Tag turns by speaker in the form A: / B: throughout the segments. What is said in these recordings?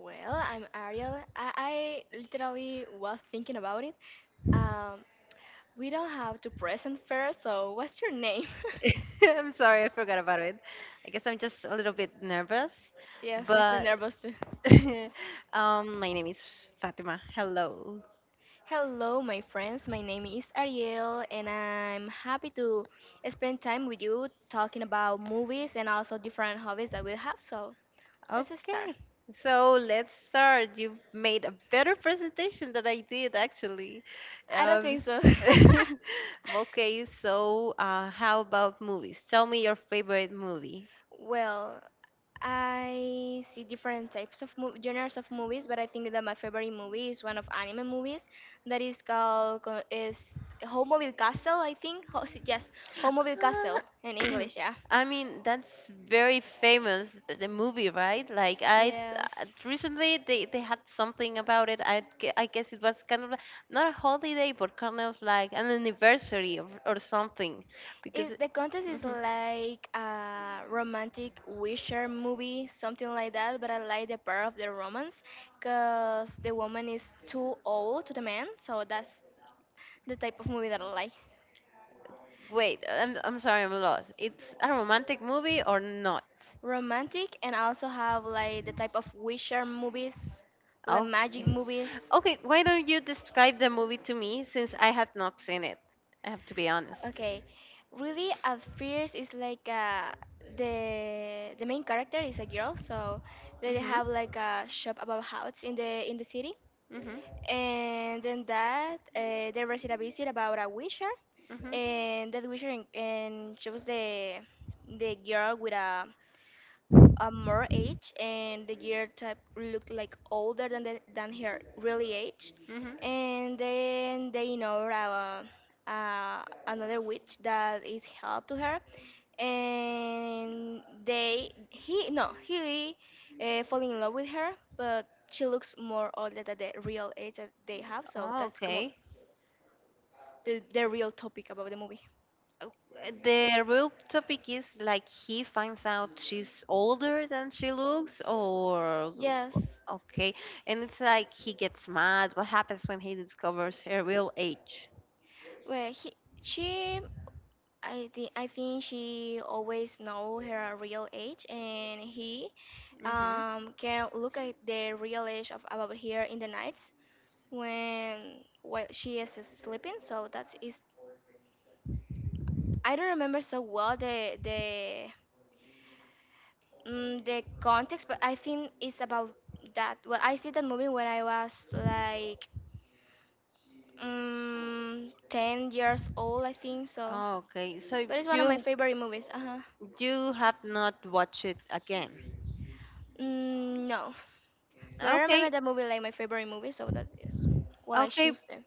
A: Well, I'm Ariel. I literally was thinking about it. Um, we don't have to present first, so what's your name? Yes, I feel nervous too. Hello, my friends. My name is Ariel, and I'm happy to spend time with you talking about movies and also different hobbies that we have. So let's start. I don't think so. Well, I see different types of genres of movies, but I think that my favorite movie is one of anime movies that is called is Howlmobile Castle, I think. Yes, Howlmobile Castle in English. Yeah. Yes. Is the contest is like a romantic wisher movie, something like that. But I like the part of the romance, cause the woman is too old to the man. So that's the type of movie that I like, romantic, and I also have like the type of Witcher movies, like magic movies. Okay, really at first it's like the main character is a girl, so they have like a shop about houses in the city, and then that there was a visit about a Witcher, and that Witcher and she was the girl with a more age and the gear type looked like older than than her really age, and then they know uh, another witch that is help to her and they he no he fall in love with her, but she looks more older than the real age that they have. So that's come on the real topic about the movie. Yes, well, he she, I think she always know her real age, and he can look at the real age of about here in the nights when while she is sleeping. So that's is, I don't remember so well the context, but I think it's about that. Well, I see that movie when I was like 10 years old, I think so. But it's one of my favorite movies. Uh huh. Mm, no. But I remember that movie like my favorite movie, so that is what I choose there.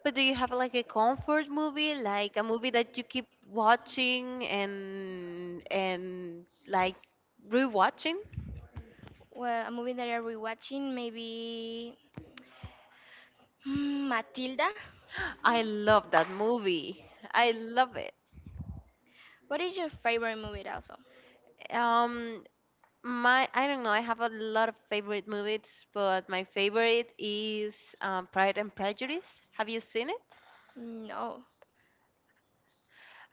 A: Well, a movie that I'm rewatching maybe Matilda. What is your favorite movie also? No,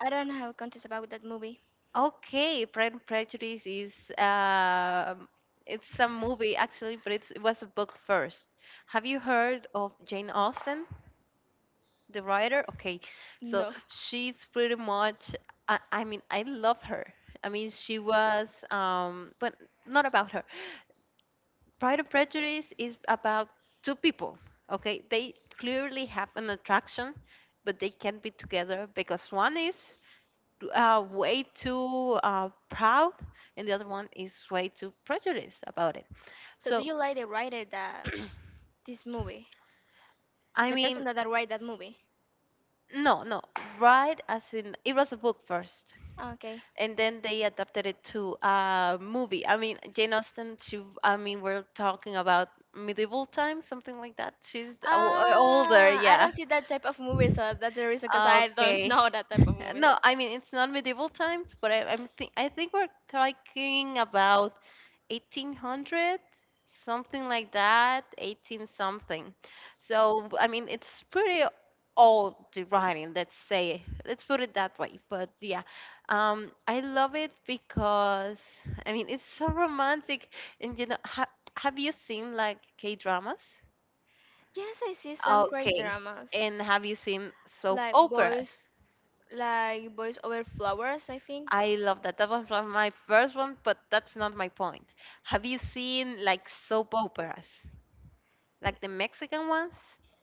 A: I don't have context about that movie. No. So do you like the writer that this movie, the person that write that movie? Okay. Ah, I don't see that type of movie, so that's the reason because I don't know that type of movie. Yes, I see some great dramas like boys, like Boys Over Flowers, I think.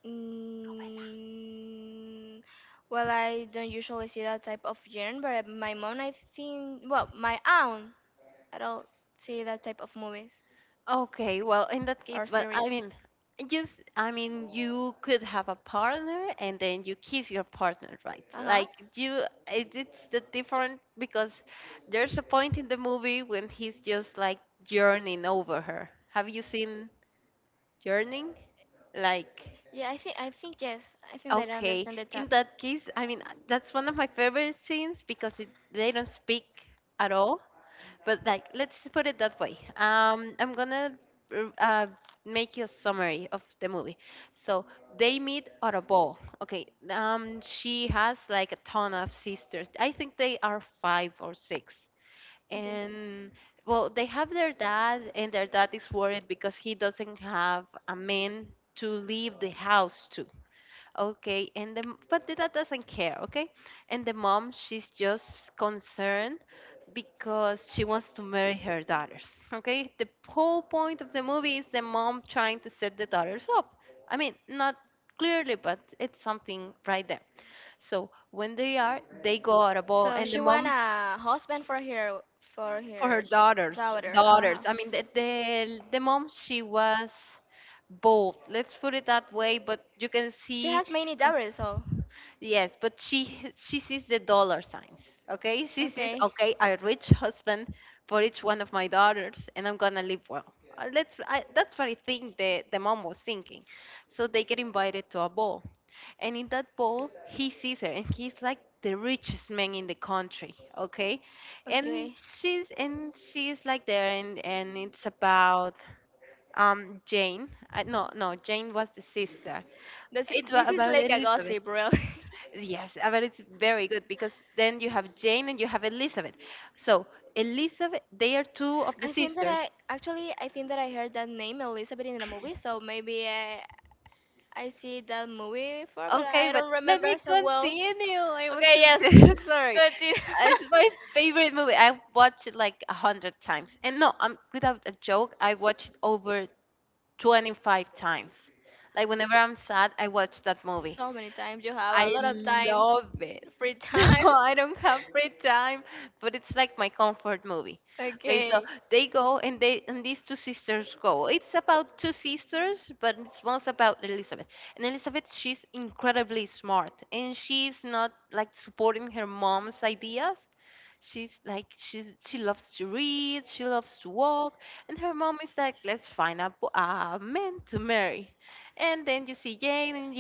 A: Mm, well, I don't usually see that type of genre, but my mom, I think, well, my aunt, I don't see that type of movies or series. Uh huh. Yeah, I think yes. I think that I understand the top. Okay. So she want a husband for her daughter. Uh huh. She has many daughters, so okay, okay. This this is like a gossip, really. I think that I heard that name Elizabeth in a movie, so maybe I see that movie before, but I don't remember so well. Okay, yes, continue. So many times you have a lot of time, free time. Okay.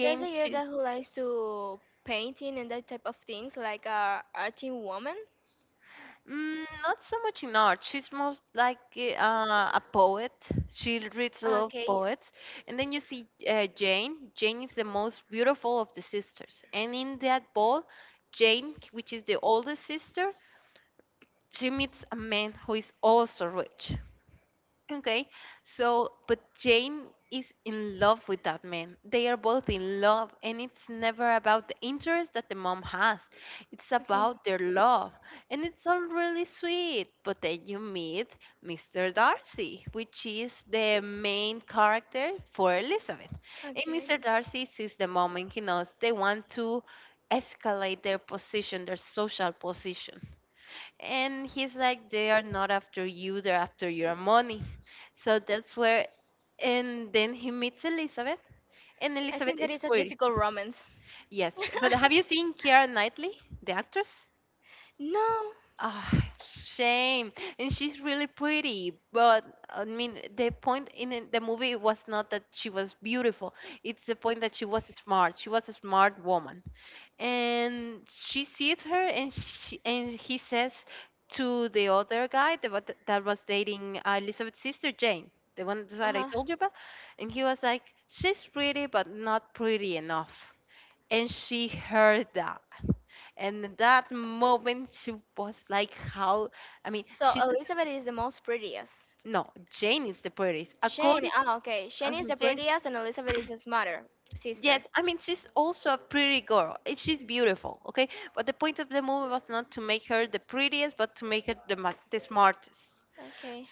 A: There's a girl that who likes to painting and that type of things, like a arting woman. Okay. Okay. Okay. I think that is a difficult romance. No, uh-huh. So Elizabeth is the most prettiest. Shane, oh, okay. Shane is the prettiest and Elizabeth is his mother, sister. Okay.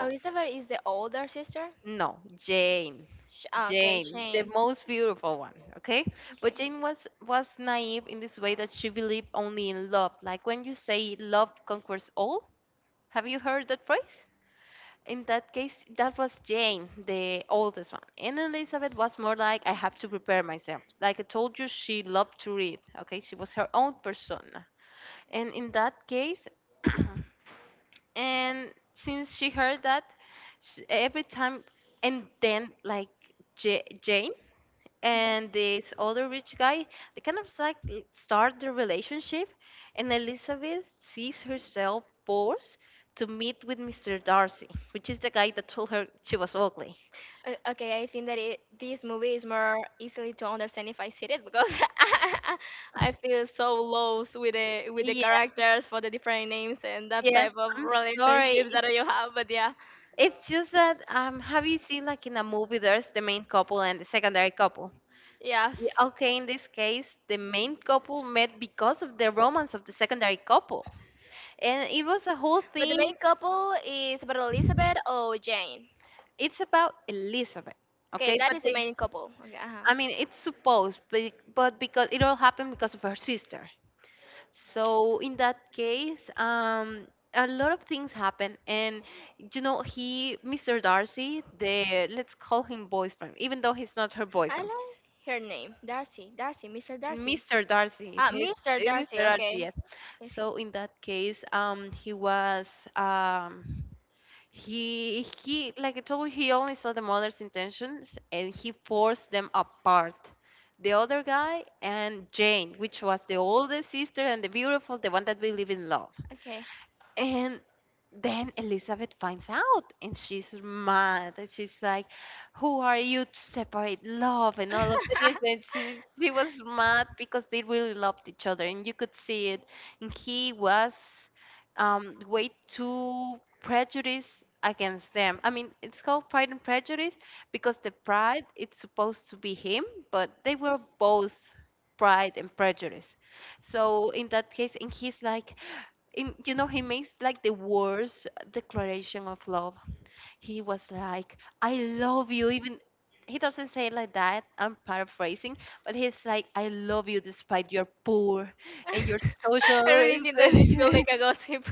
A: Elizabeth is the older sister. Okay, Shane. Okay. Okay, I think that this movie is more easily to understand if I see it, because I feel so lost with the characters for the different names and that type of relationships that you have. But yeah, yes. But the main couple is about Elizabeth or Jane. Okay, that is the main couple. Okay, uh-huh. I like her name, Darcy. Darcy, Mr. Darcy. Ah, Mr. Darcy. Okay. Yes. Okay. I really think that this feels like a gossip.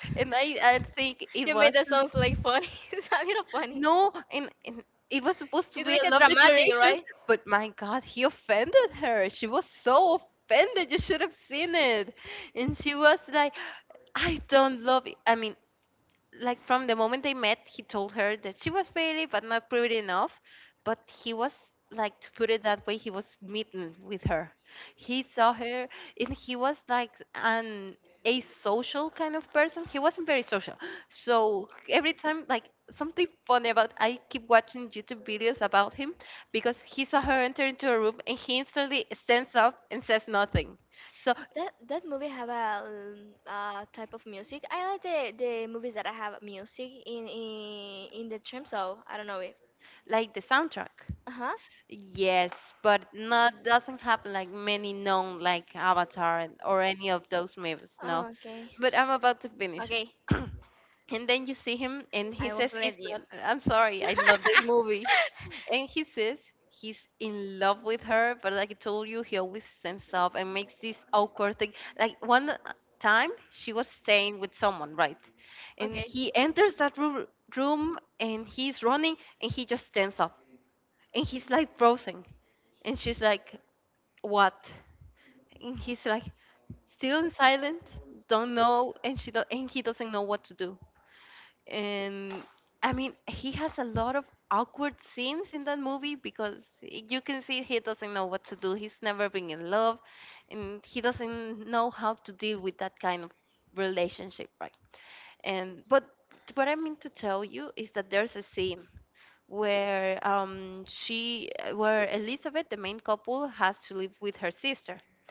A: You made that sounds like funny. It's a little funny. It's like a dramatic, right? That movie have a type of music. I like the movies that I have music in in the term. So I don't know if. Uh huh. Oh, okay. Okay. I will let you. Okay.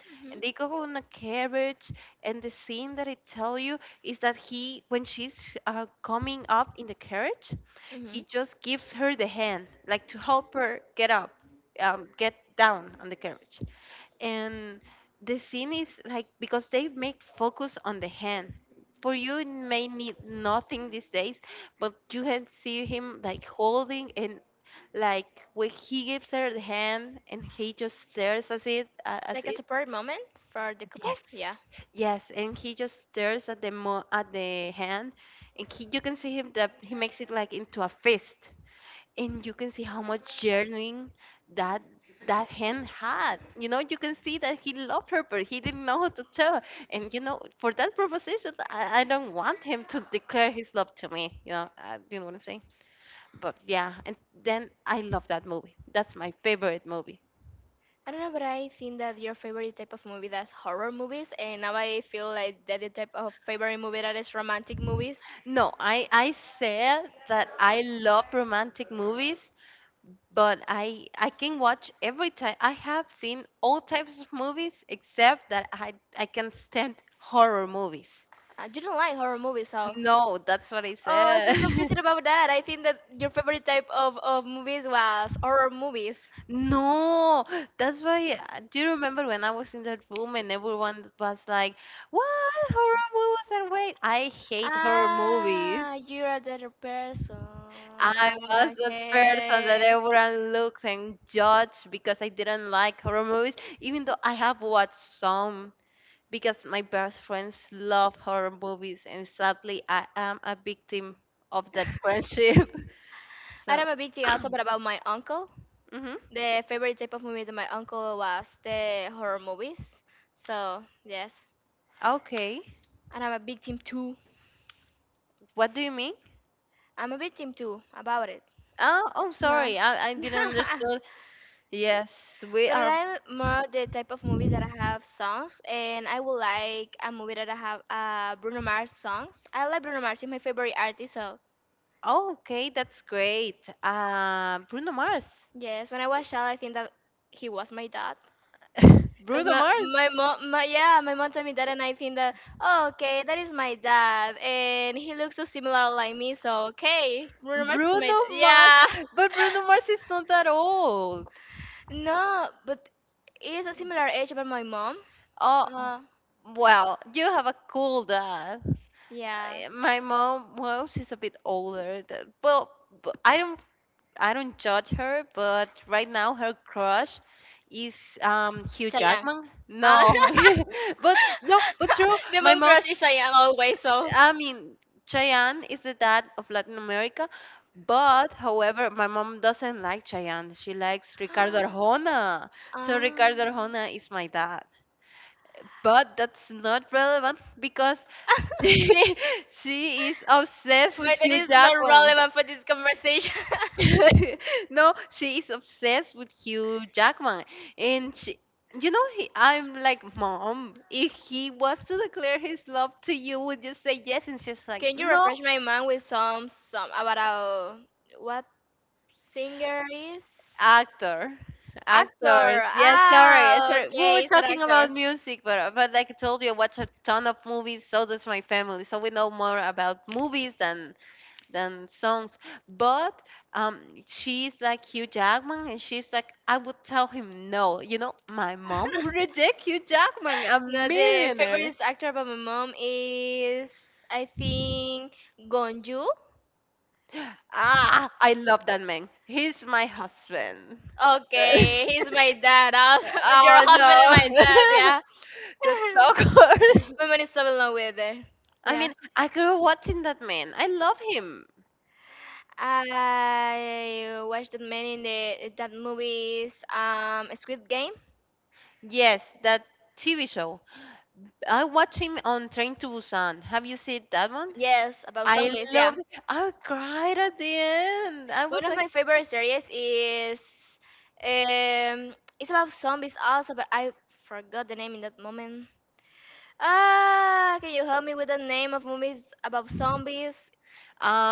A: Mhm. Mhm. Like a support moment for the couple. Yeah. I don't know, but I think that your favorite type of movie that's horror movies, and now I feel like that the type of favorite movie that is romantic movies. You don't like horror movies, so. Oh, I'm so confused about that. I think that your favorite type of movies was horror movies. Ah, you're a better person. Ah, okay. And I'm a big thing also, but about my uncle. The favorite type of movies of my uncle was the horror movies. So yes, and I'm a victim too. I'm a victim too about it. Uh-huh. But I like more the type of movies that I have songs, and I would like a movie that I have Bruno Mars songs. I like Bruno Mars; he's my favorite artist. So yes, when I was child, I think that he was my dad. Cause my mom my yeah my mom told me that, and I think that, oh, okay, that is my dad, and he looks so similar like me, so okay, Bruno Mars is my dad. Yeah. No, but he's a similar age about my mom. uh, yes, Chayanne. uh, the mom crush is Chayanne always, so ah, my dad is not relevant for this conversation. Can you refresh my mind with some about what singer is? Actor. Ah, okay, it's an actor. No, the favorite actor by my mom is, I think, Gonju. Okay, he's my dad. Your husband and my dad, yeah. My mom is so in love with it. Yeah. I watched that many in the that movies, Squid Game. Yes, about zombies. Yeah, one of my favorite series is it's about zombies also, but I forgot the name in that moment. Ah, can you help me with the name of movies about zombies?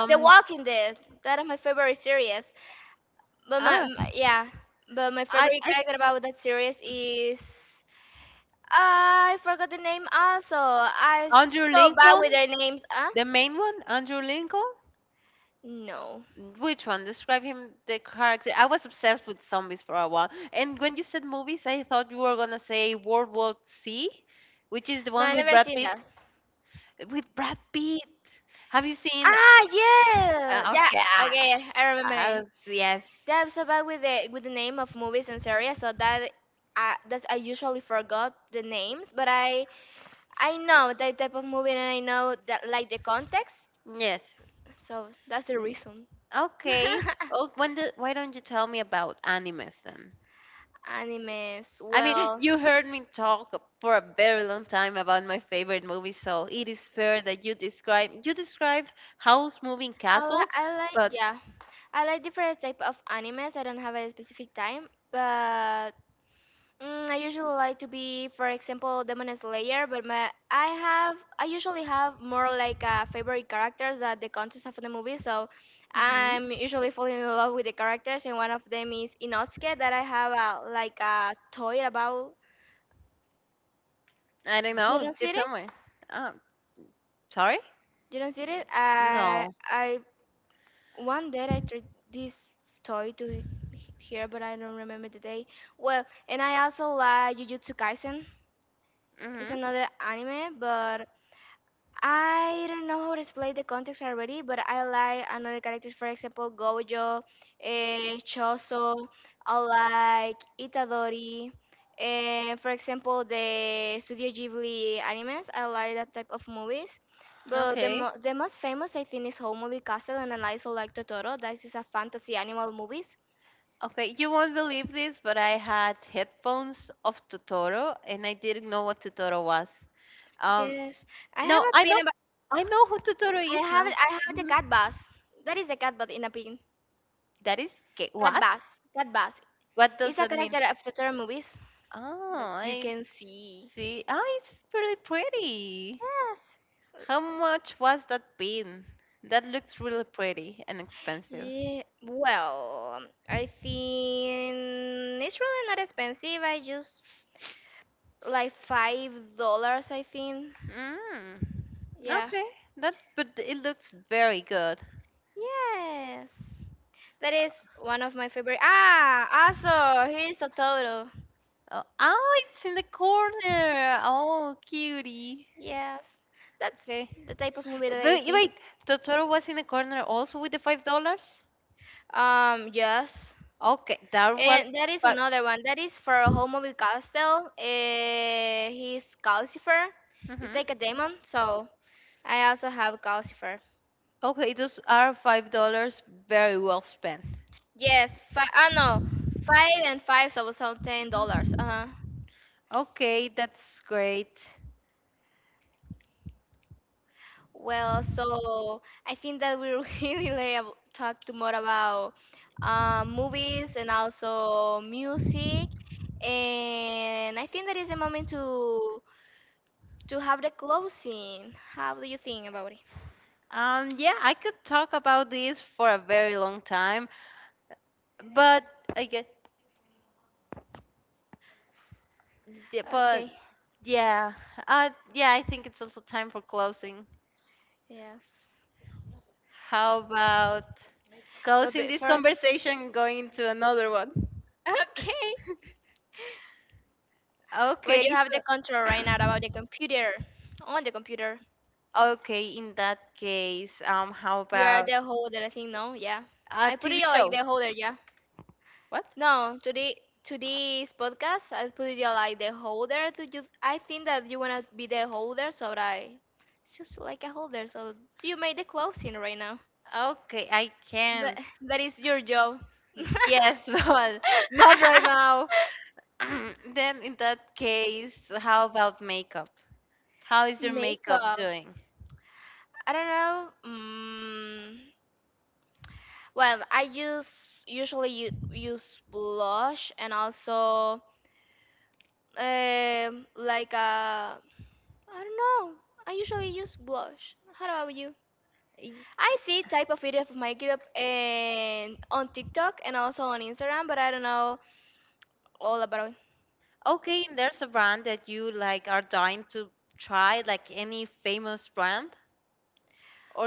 A: The Walking Dead. That is my favorite series. But my favorite character about that series is, I forgot the name also. I so bad with their names. Huh? No, no, I never seen that. Ah, yeah, yeah. Okay, I remember it. Yeah, I'm so bad with the name of movies and series, so that I usually forgot the names, but I know that type of movie, and I know that like the context, so that's the reason. Animes, well, I like I like yeah, I like different type of animes. I don't have a specific time, but I usually like to be, for example, Demon Slayer, but my I have I usually have more like favorite characters at the context of the movie. So I'm usually falling in love with the characters, and one of them is Inosuke that I have like a toy about. You don't see it? You don't see it? I one day I tried this toy to here, but I don't remember the day. Well, and I also like Jujutsu Kaisen. It's another anime, but I don't know how to explain the context already, but I like another characters. For example, Gojo, Choso. I like Itadori. And, for example, the Studio Ghibli animes. I like that type of movies. But the the most famous, I think, is Whole Movie Castle, and I also like Totoro. That is a fantasy animal movies. Yes, I have a pin about. I have the cat bus. That is a cat bus in a pin. Cat Bass. Cat Bass. It's a character of the terror movies that you can see. Yes. Yeah. Well, I think it's really not expensive. I just like $5, I think. Yeah. Yes. That is one of my favorite. Ah, also, here is Totoro. Yes. That's the type of movie that I see. Yes. And that is another one. That is for Homobile Castell. He's Calcifer. It's like a demon. So I also have Calcifer. Yes. Five. Ah, no. Five and five. So $10. Uh huh. Well, so I think that we really like talk too much about movies and also music. And I think that is the moment to have the closing. How do you think about it? Okay. Yes. But before, okay. But you have the control right now about the computer. On the computer, you are the holder. I think no, yeah. I put it like the holder, yeah. No, to this podcast, I put it like the holder. To you, I think that you wanna be the holder, so that I it's just like a holder. So you make the closing right now. That that is your job. Makeup. I don't know. Well, I use usually u- use blush and also like a I don't know. I usually use blush. How about you? I see type of video of my group and on TikTok and also on Instagram, but I don't know all about it.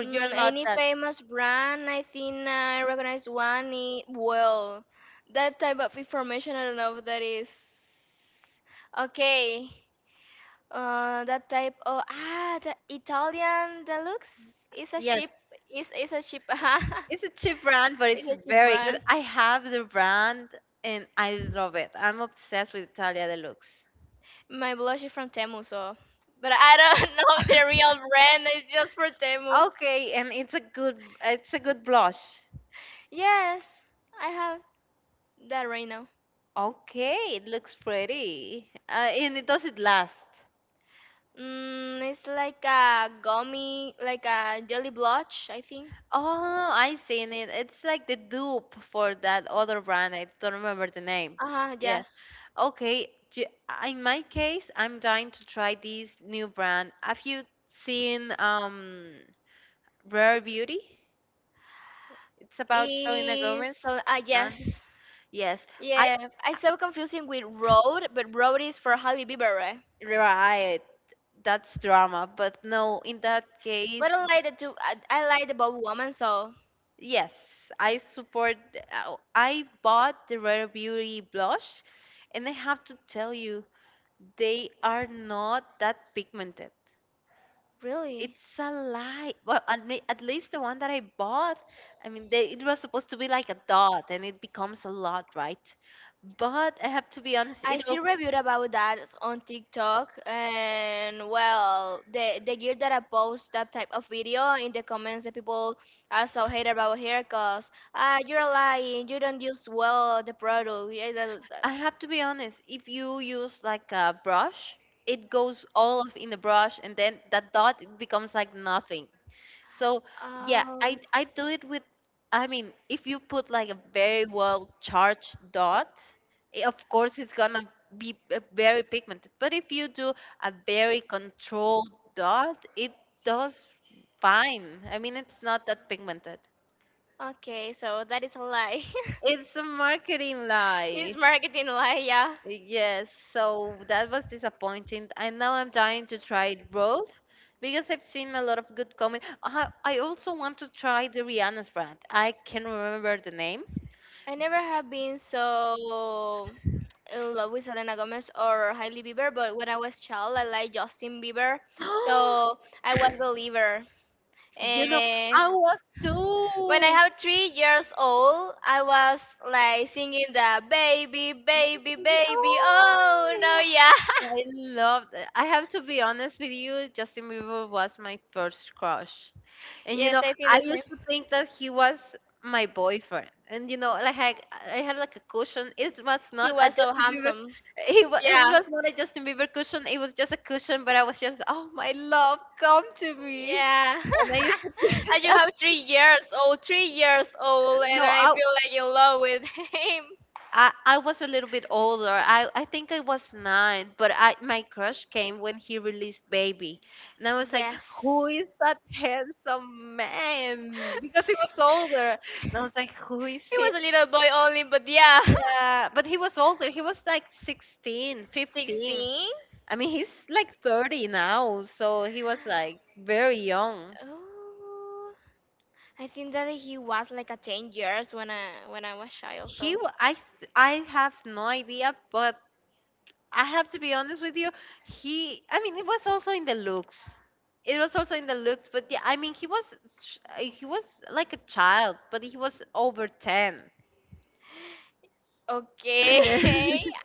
A: Any famous brand? I think I recognize one. Well, that type of information I don't know if that is okay. That type. Oh, the Italian deluxe is a cheap. Is a cheap. It's a cheap brand. My blush is from Temu, so. But I don't know the real brand. It's just for Temu. Yes, I have that right now. It's like a gummy, like a jelly blotch, I think. Uh huh. Yes. Is so. Yes. Yeah, I so confusing with road, but road is for Halle Bieber, right? But I like the two. I like the Bob Woman, so really, I see reviewed about that on TikTok, and well, the year that I post that type of video in the comments, the people also hate about here, cause you're lying, you don't use well the product. Yeah, that. Oh, okay, so that is a lie. It's marketing lie, yeah. I never have been so in love with Selena Gomez or Hailey Bieber, but when I was child, I liked Justin Bieber, so I was believer. And when I have 3 years old, I was like singing the baby, baby, baby. Oh no, yeah, yes, I think the same. He was so handsome. Yeah, yeah. I just have 3 years old, 3 years old, and I feel like in love with him. Yes. He was a little boy only, but yeah. 16? Oh, I think that he was like a 10 years when I was child. So okay.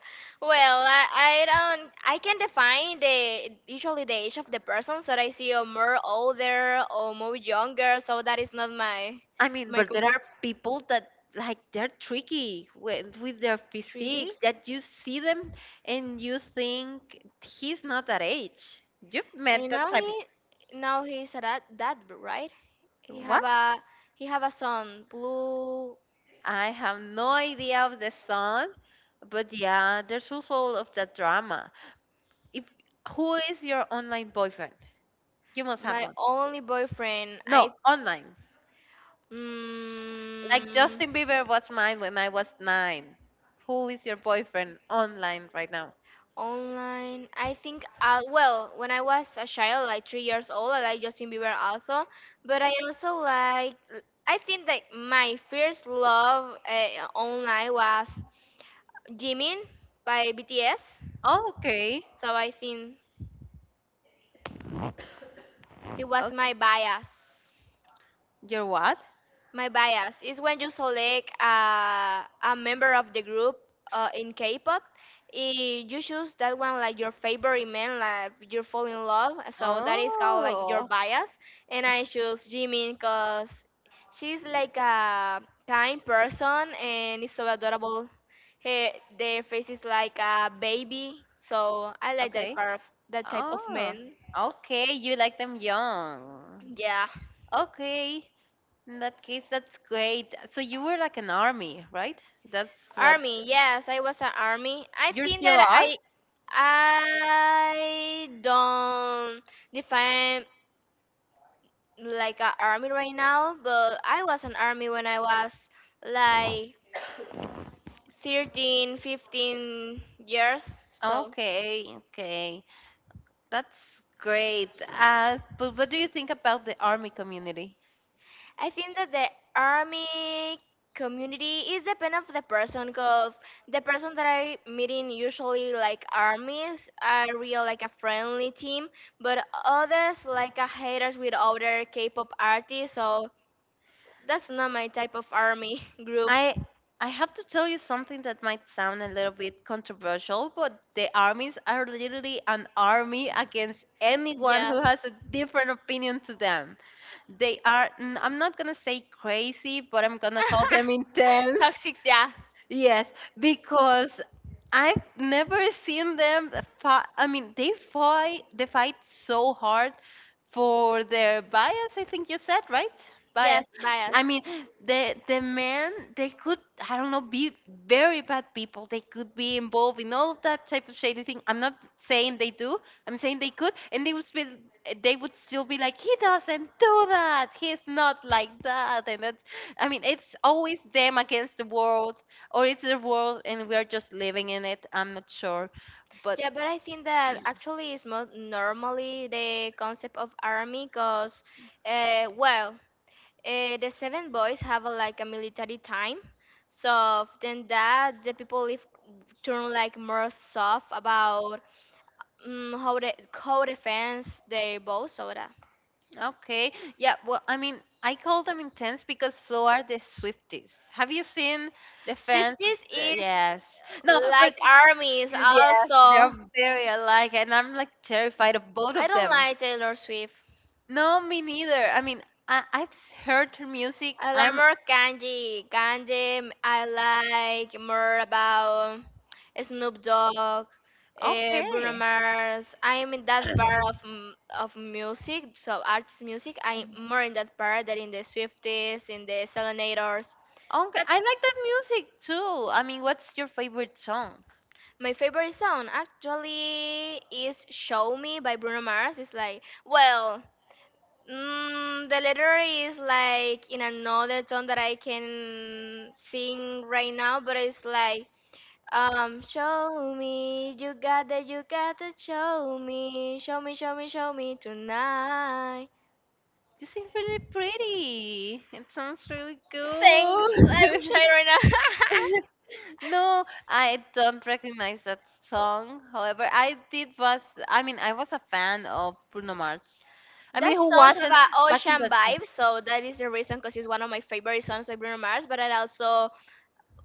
A: Well, I don't. I can define the usually the age of the person so that I see a more older or more younger. So that is not my comfort. 3D. And now he's a dad, right? He have a son, Blue, my only boyfriend. I mm, online. I think well, when I was a child, like 3 years old, I like Justin Bieber also. But I also like I think that my first love online was Jimin by BTS. So I think he was my bias. My bias is when you select a member of the group in K-pop, you choose that one like your favorite man, like you fall in love. So that is called like your bias. And I choose Jimin because she's like a kind person and is so adorable. Her, their face is like a baby. So I like that part of that type of men. Yeah. Army, yes, I was an army. I think that I don't define like an army right now, but I was an army when I was like 13, 15 years. So I think that the army community is depend of the person. Cause the person that I meeting usually like armies are real like a friendly team, but others like a haters with other K-pop artists. So that's not my type of army groups. Yes, toxic. Yeah. Yes, bias. Yeah, but I think that actually is more normally the concept of army, cause, well, the seven boys have like a military time, so then that the people live turn like more soft about how they how defense their bows, so that Swifties is like armies also. I don't like Taylor Swift. I like more Kanji. Kanji, I like more about Snoop Dogg, Bruno Mars. I'm in that part of of music, so artist music. I'm more in that part than in the Swifties, in the Selenators. That's my favorite song. Actually, is "Show Me" by Bruno Mars. It's like, well, the letter is like in another tone that I can sing right now, but it's like show me you got that you got to show me show me show me show me tonight. Thanks, I'm shy right now. That song's have a ocean vibe, so that is the reason because it's one of my favorite songs by Bruno Mars. But I also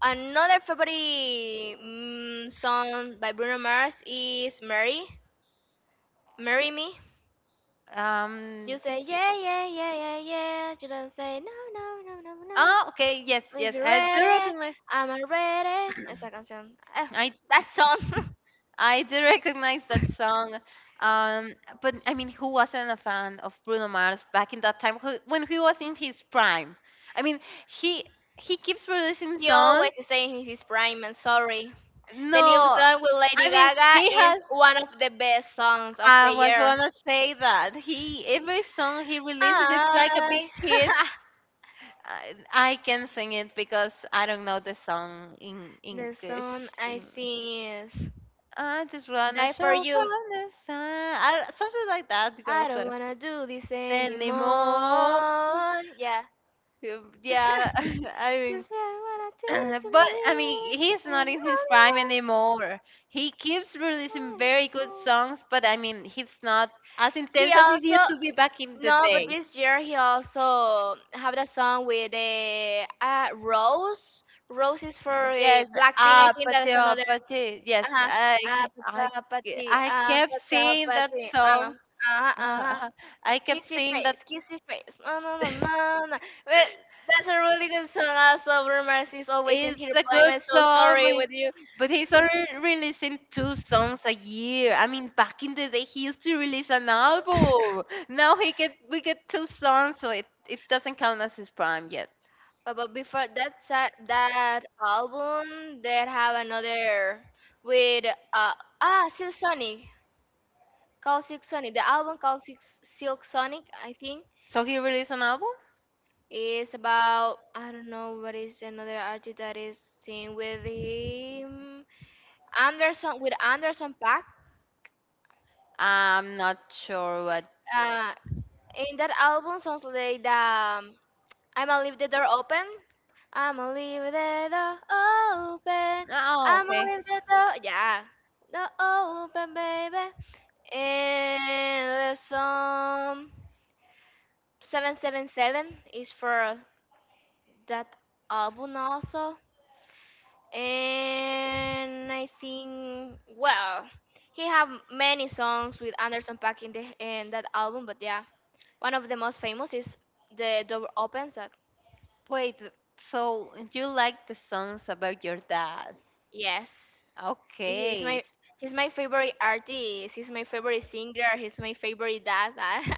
A: another favorite song by Bruno Mars is Mary. Marry Me. You say, yeah, yeah, yeah, yeah, yeah. You don't say, no, no, no, no, no. Well, if you're ready, I'm ready. Esa canción. That song. He always is saying he's his prime and sorry. The new song with Lady Gaga is one of the best songs of the year. I. The song I think is Die for You. I don't wanna do this anymore. Yeah. This is what I did to me, and all you want is love. He also no, but this year he also have a song with a Rose. Rose is for Blackpink. I think that is another. Uh huh. Ah, patapati. Ah, patapati. Ah, ah, ah. Kissy face, kissy face. No, no, no, no, no. But that's a really good song. Also, Rumors is always in here playing. I'm so sorry with you. But before that album, they have another with uh Silk Sonic called Silk Sonic. The album called Silk Sonic, I think, is about I don't know what is another artist that is sing with Anderson Pack. Uh, in that album, sounds like the I'ma leave the door open. I'ma leave the door open. I'ma leave the door, yeah, door open, baby. And the song 777 is for that album also. And I think, well, he have many songs with Anderson Paak in that album, but yeah, one of the most famous is the door opens. That yes. He's my favorite artist. He's my favorite singer. He's my favorite dad.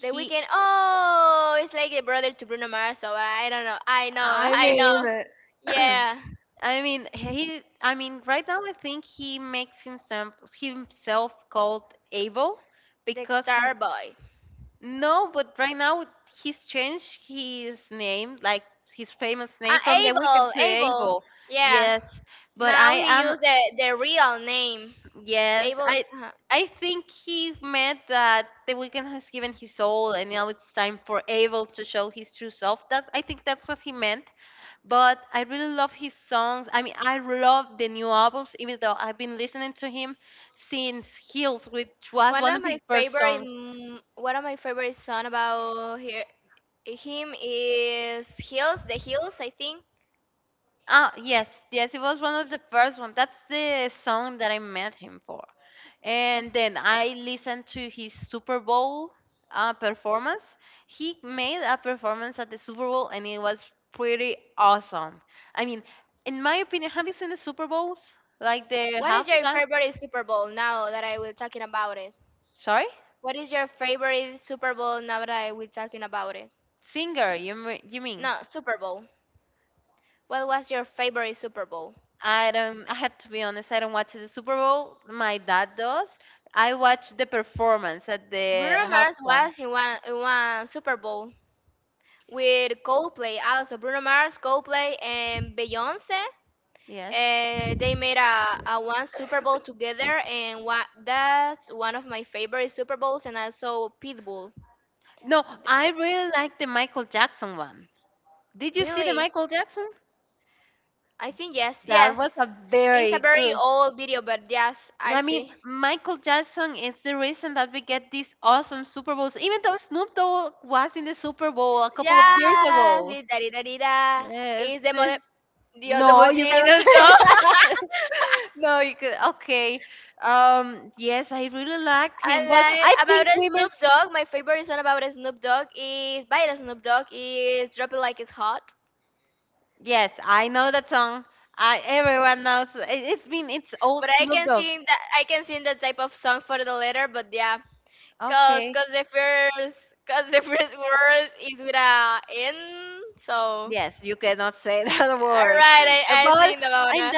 A: The weekend. Oh, it's like a brother to Bruno Mars. So I don't know. I know. I know. Yeah, the star boy. Abel. Abel. Yeah. Now he used the real name. Abel. uh One of my favorite song about him is Hills, the Hills, I think. What is your favorite Super Bowl now that I will talking about it? What is your favorite Super Bowl now that I will talking about it? No, Super Bowl. What was your favorite Super Bowl? Bruno Mars was in one Super Bowl with Coldplay also. Bruno Mars, Coldplay, and Beyonce. They made a one Super Bowl together, and what, that's one of my favorite Super Bowls, and also Pitbull. Really? I think yes, yes. It's a very old video, but yes, I see. Yes, with da da da da. Is the mother the other Genius dog? I like about a Snoop Dogg. My favorite song about a Snoop Dogg is by the Snoop Dogg is "Drop It Like It's Hot." But I can sing that type of song for the later. But yeah, cause the first word is with a N, so. Right, I think about that.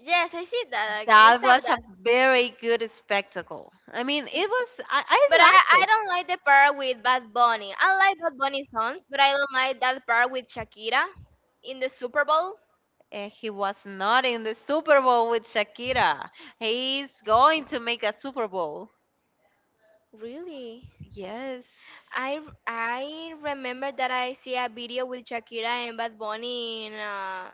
A: Yes, I see that. I saw that. See. But I don't like the part with Bad Bunny. I like Bad Bunny songs, but I don't like that part with Shakira in the Super Bowl. Really? I, I remember that I see a video with Shakira and Bad Bunny in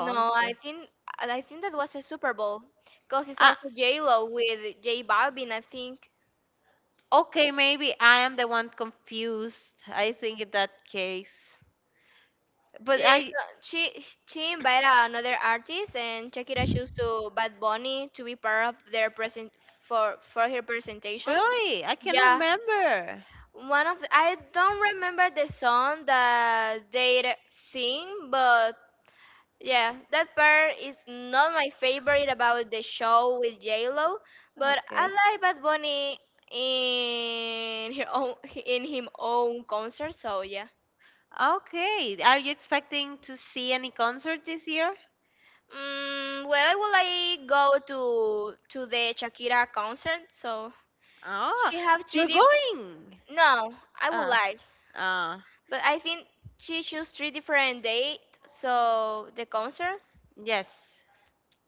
A: no, I think that was a Super Bowl because it's also J Lo with J Balvin, I think. Yeah, so she invited another artist, and Shakira chose to Bad Bunny to be part of their present for her presentation. Yeah, one of the, I don't remember the song that they sing, but yeah, that part is not my favorite about the show with J Lo, but I like Bad Bunny in her own in him own concert. So yeah. Well, will I go to the Shakira concert? So she have three different. No, I would like, but I think she choose three different dates. So the concerts,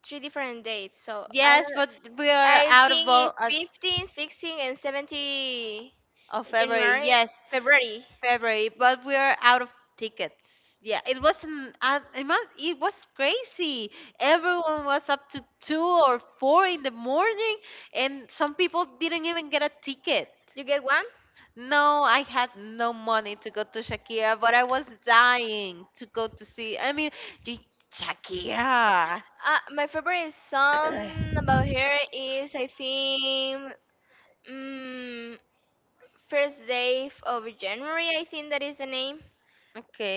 A: three different dates. So I don't. I think if 15, 16, and 70 January, February. You get one? My favorite song about her is I think. Mm, First Day of January, I think that is the name.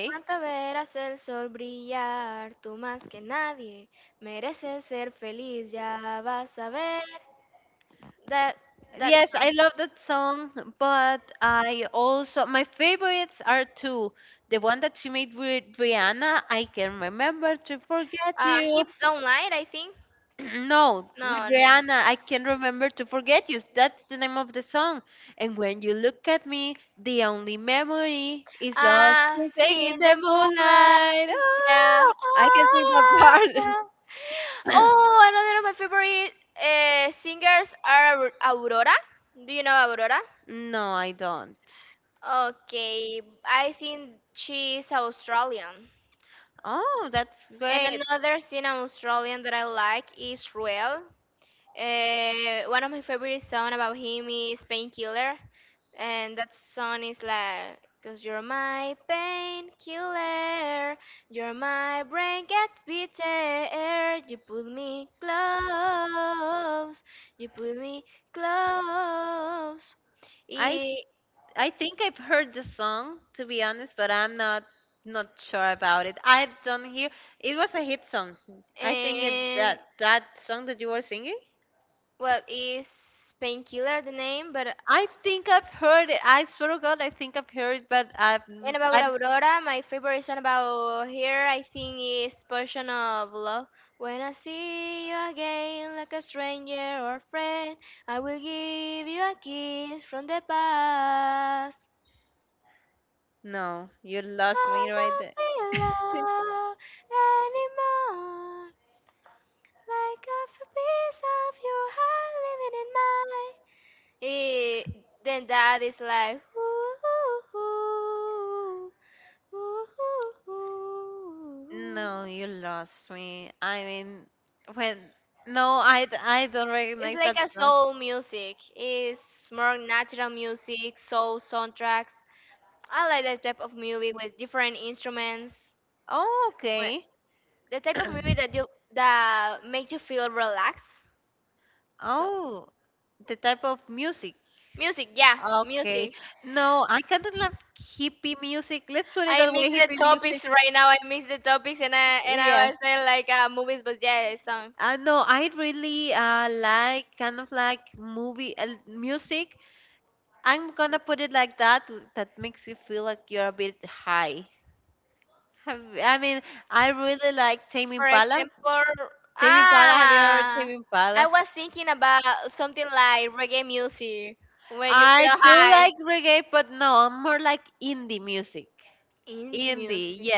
A: Pronto verás el sol brillar, tú más que nadie mereces ser feliz, ya vas a ver. That that song. Hips Don't Lie, I think. No, no. Ah, see me in the moonlight. Yeah. Ah, yeah. Oh, another of my favorite singers are Aurora. Do you know Aurora? Okay, I think she is Australian. And another scene Australian that I like is Ruel. One of my favorite songs about him is Painkiller. And that song is like, cause you're my painkiller, you're my brain get bitter, you put me close, you put me close. I- and well, is Painkiller the name? But and about Aurora, my favorite song about her, I think, is Portion of Love. When I see you again, like a stranger or friend, I will give you a kiss from the past. I don't feel love anymore, like a piece of your heart living in mine. Eh, then that is like ooh, ooh, ooh. It's like a soul music. It's more natural music, soul soundtracks. I like that type of movie with different instruments. Wh- The type of movie that you that make you feel relaxed. So music, yeah, music. I mix the topics right now. I mix the topics and I was saying like movies, but yeah, songs. For example, ah, I was thinking about something like reggae music when you feel high. Indie music.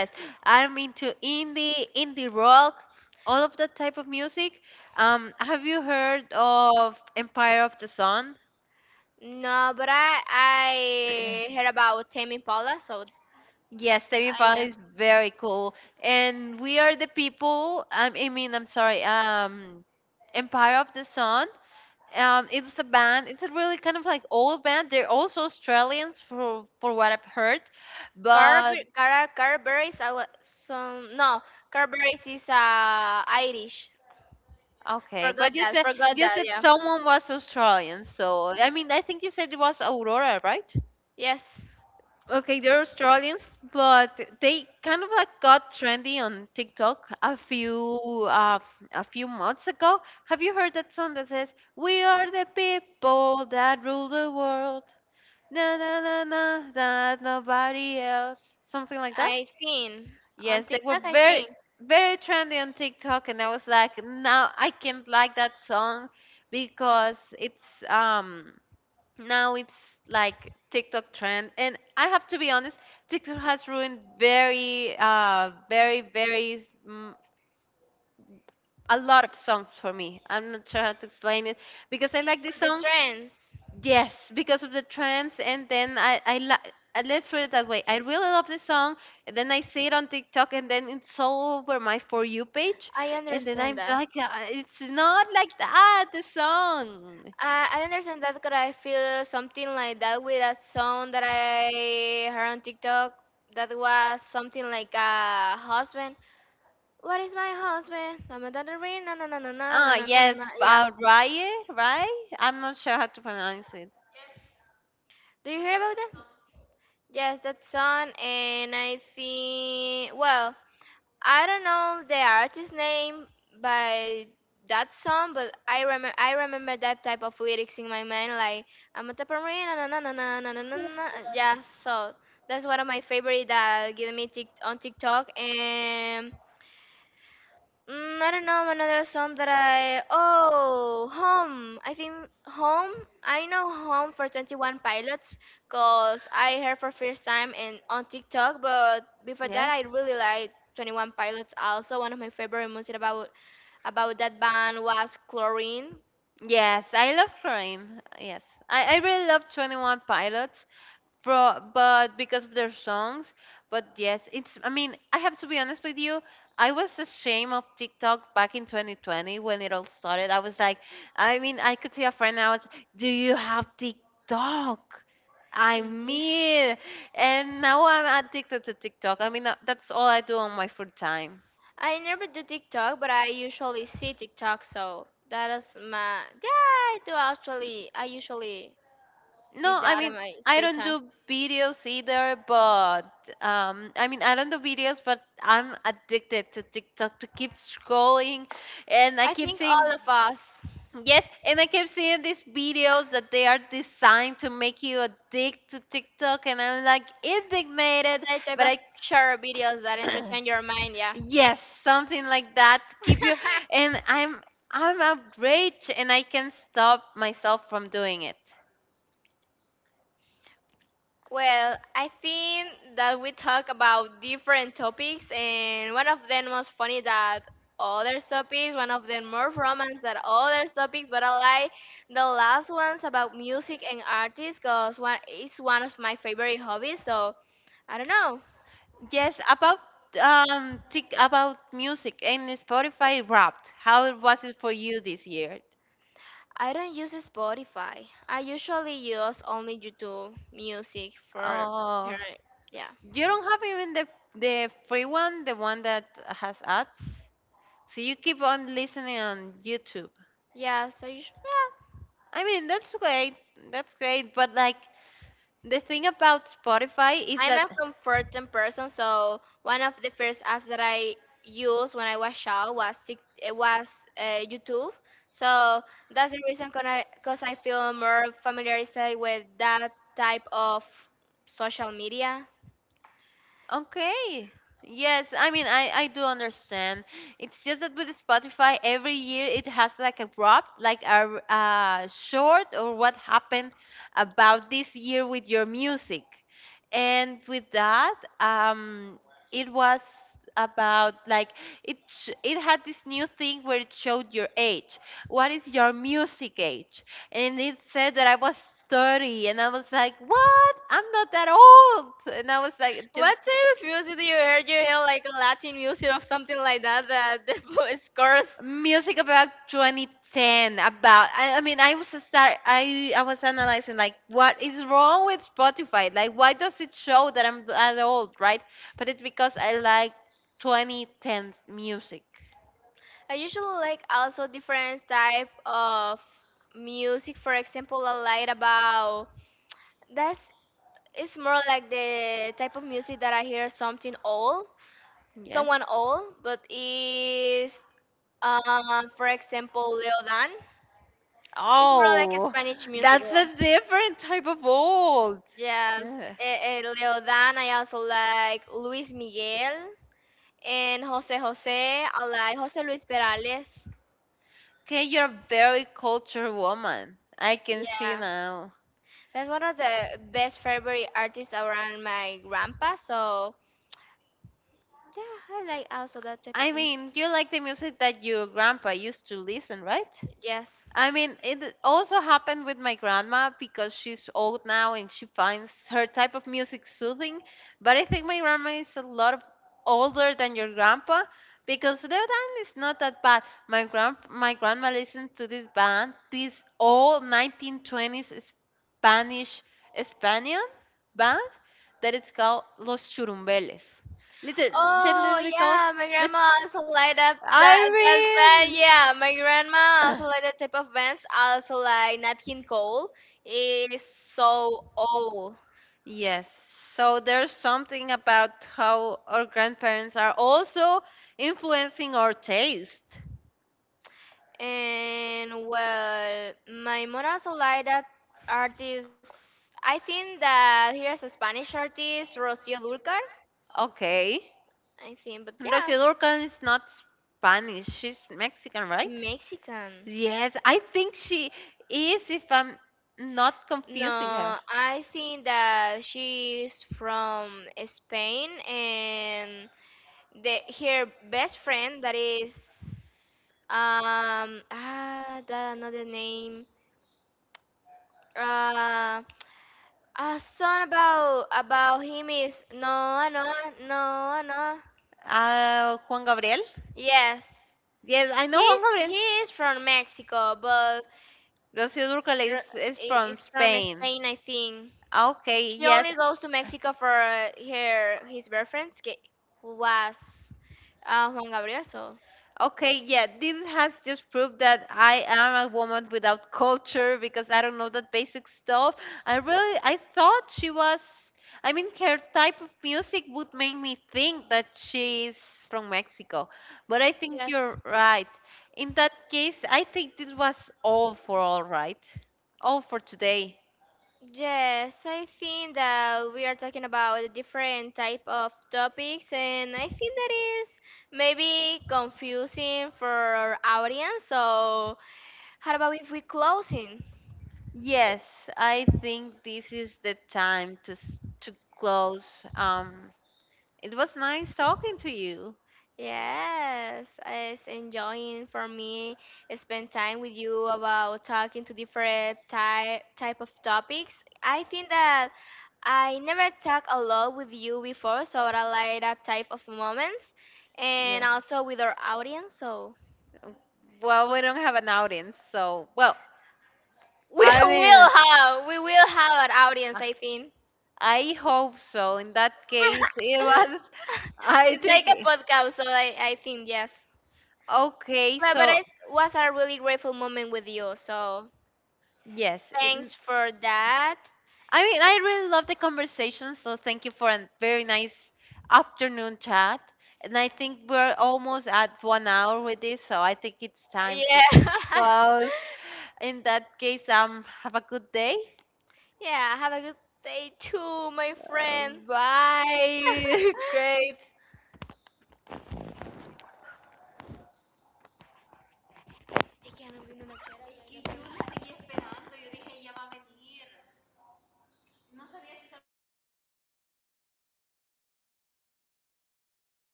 A: No, but I heard about Tame Impala, so I know. Carberries, Carberries, I was some no. Carberries is Irish. Forgot that. Forgot that. Yeah. Yes, I think on TikTok. I think for the trends. I understand that. I understand that because I feel something like that with a song that I heard on TikTok that was something like a husband. What is my husband? I'm a daughter ring. Na na na na na na na na na. Na. Yeah. Do you hear about that? Yes, that song. And I think well. I don't know the artist name by that song, but I remember that type of lyrics in my mind, like I'm a taparina, na na na na na na na na. Na." Yeah, so that's one of my favorite that give me on TikTok, and mm, I don't know another song that I oh home. I think home. I know home for Twenty One Pilots because I heard for first time and on TikTok. But before that,
B: Yes.
A: I really liked Twenty One Pilots. Also, one of my favorite music about that band was Chlorine.
B: Yes, I love crime. Yes, I really love Twenty One Pilots, bro, but because of their songs. But yes, it's. I mean, I have to be honest with you. I was ashamed of TikTok back in 2020 when it all started. I was like, I mean, I could see a friend. Do you have TikTok? I
A: Yeah.
B: mean, and now I'm addicted to TikTok. I mean, that's all I do on my free time.
A: I never do TikTok, but I usually see TikTok. So that is my yeah. I do actually. I usually did
B: No, I
A: that on
B: mean,
A: my
B: I
A: free
B: don't
A: time.
B: do videos either, but I mean, I don't do videos, but I'm addicted to TikTok to keep scrolling, and I
A: I
B: keep
A: think
B: seeing,
A: all of us,
B: yes, and I keep seeing these videos that they are designed to make you addicted to TikTok, and I'm like indignated,
A: that type
B: but
A: of
B: I
A: short videos that entertain your mind, yeah.
B: yes, something like that to keep you, and I'm outraged, and I can't stop myself from doing it.
A: Well, I think that we talk about different topics, and one of them was funny that other topics, one of them more romance than other topics, but I like the last ones about music and artists because one is one of my favorite hobbies. So I don't know.
B: Yes, about about music and Spotify Wrapped. How it was it for you this year?
A: I don't use Spotify. I usually use only YouTube music for
B: Oh,
A: hearing. Yeah.
B: you don't have even the free one, the one that has ads. So you keep on listening on YouTube.
A: Yeah, so yeah.
B: I mean, that's great. That's great, but like the thing about Spotify is
A: I'm
B: that
A: a comforting person, so one of the first apps that I used when I was child was Tik- it was YouTube. So that's the reason because I feel more familiarized with that type of social media.
B: okay. Yes, I mean I do understand. It's just that with Spotify every year it has like a wrap, like a short or what happened about this year with your music. And with that, it was about like it had this new thing where it showed your age. What is your music age? And it said that I was 30 and I was like, "What? I'm not that old." And I was like just
A: What type of music do you hear? Do you hear like Latin music or something like that that the voice curse?
B: music about 2010, about I mean I was analyzing like what is wrong with Spotify, like why does it show that I'm that old, right? But it's because I like 2010 music.
A: I usually like also different type of music. For example, I like about that's it's more like the type of music that I hear something old,
B: Yes.
A: someone old, but is for example Leo Dan. It's more like a
B: Oh,
A: Spanish music.
B: that's
A: Yeah.
B: a different type of old.
A: Yes,
B: Ugh.
A: Leo Dan. I also like Luis Miguel and Jose Jose. I like Jose Luis Perales.
B: Okay, you're a very cultured woman, I can see
A: Yeah,
B: now.
A: that's one of the best favorite artists around my grandpa. So yeah, I like also that type of
B: I
A: music.
B: mean, you like the music that your grandpa used to listen, right?
A: Yes.
B: I mean, it also happened with my grandma because she's old now and she finds her type of music soothing. But I think my grandma is a lot of older than your grandpa because their band is not that bad. My grandma listened to this band, this old 1920s Spanish Spanian band that it's called Los Churumbeles. Little, the
A: Oh
B: lyrical.
A: yeah, my
B: Lit-
A: grandma also like that
B: I
A: that that band.
B: mean,
A: Yeah, my grandma also like that type of bands. Also like Nat King Cole is so old.
B: yes. So there's something about how our grandparents are also influencing our taste.
A: And well, my mom also like that artist. I think that here's a Spanish artist, Rocío Dúrcal.
B: Okay.
A: I think, but yeah,
B: Rosy Durcal is not Spanish. She's Mexican, right?
A: Mexican.
B: Yes, I think she is, if I'm not confusing her.
A: No, I think that she's from Spain and the her best friend that is that another name uh a song about him is no no no no
B: Juan Gabriel?
A: yes
B: Yes, I know
A: he's
B: Juan Gabriel.
A: he is from Mexico but
B: Rocío Dúrcal
A: r-
B: is from
A: is from
B: Spain.
A: Spain. I think
B: Ah, okay,
A: she
B: yes.
A: only goes to Mexico for her his boyfriend who was Juan Gabriel. So
B: Okay, yeah, this has just proved that I am a woman without culture because I don't know that basic stuff. I really, I thought she was, I mean, her type of music would make me think that she's from Mexico, but I think
A: yes.
B: you're right. In that case, I think this was all for all right, all for today.
A: Yes, I think that we are talking about a different type of topics, and I think that is maybe confusing for our audience. So, how about if we closing?
B: Yes, I think this is the time to close. Um, it was nice talking to you.
A: Yes, it's enjoying for me spend time with you about talking to different type of topics. I think that I never talk a lot with you before, so I like that type of moments, and
B: Yeah.
A: also with our audience. So.
B: Uh, Well, we don't have an audience, so well,
A: We
B: I mean,
A: will have an audience. I think
B: I hope so. In that case, it was. I
A: it's like
B: think.
A: a podcast, so I think yes.
B: Okay,
A: But
B: so
A: it was a really grateful moment with you. So
B: yes,
A: thanks for that.
B: I mean, I really love the conversation, so thank you for a very nice afternoon chat. And I think we're almost at 1 hour with this, so I think it's time to
A: Yeah,
B: just close. In that case, have a good day.
A: yeah. Have a good day too, my
B: Uh,
A: friend.
B: Bye. Great.
A: Es que ya nos vino una chela.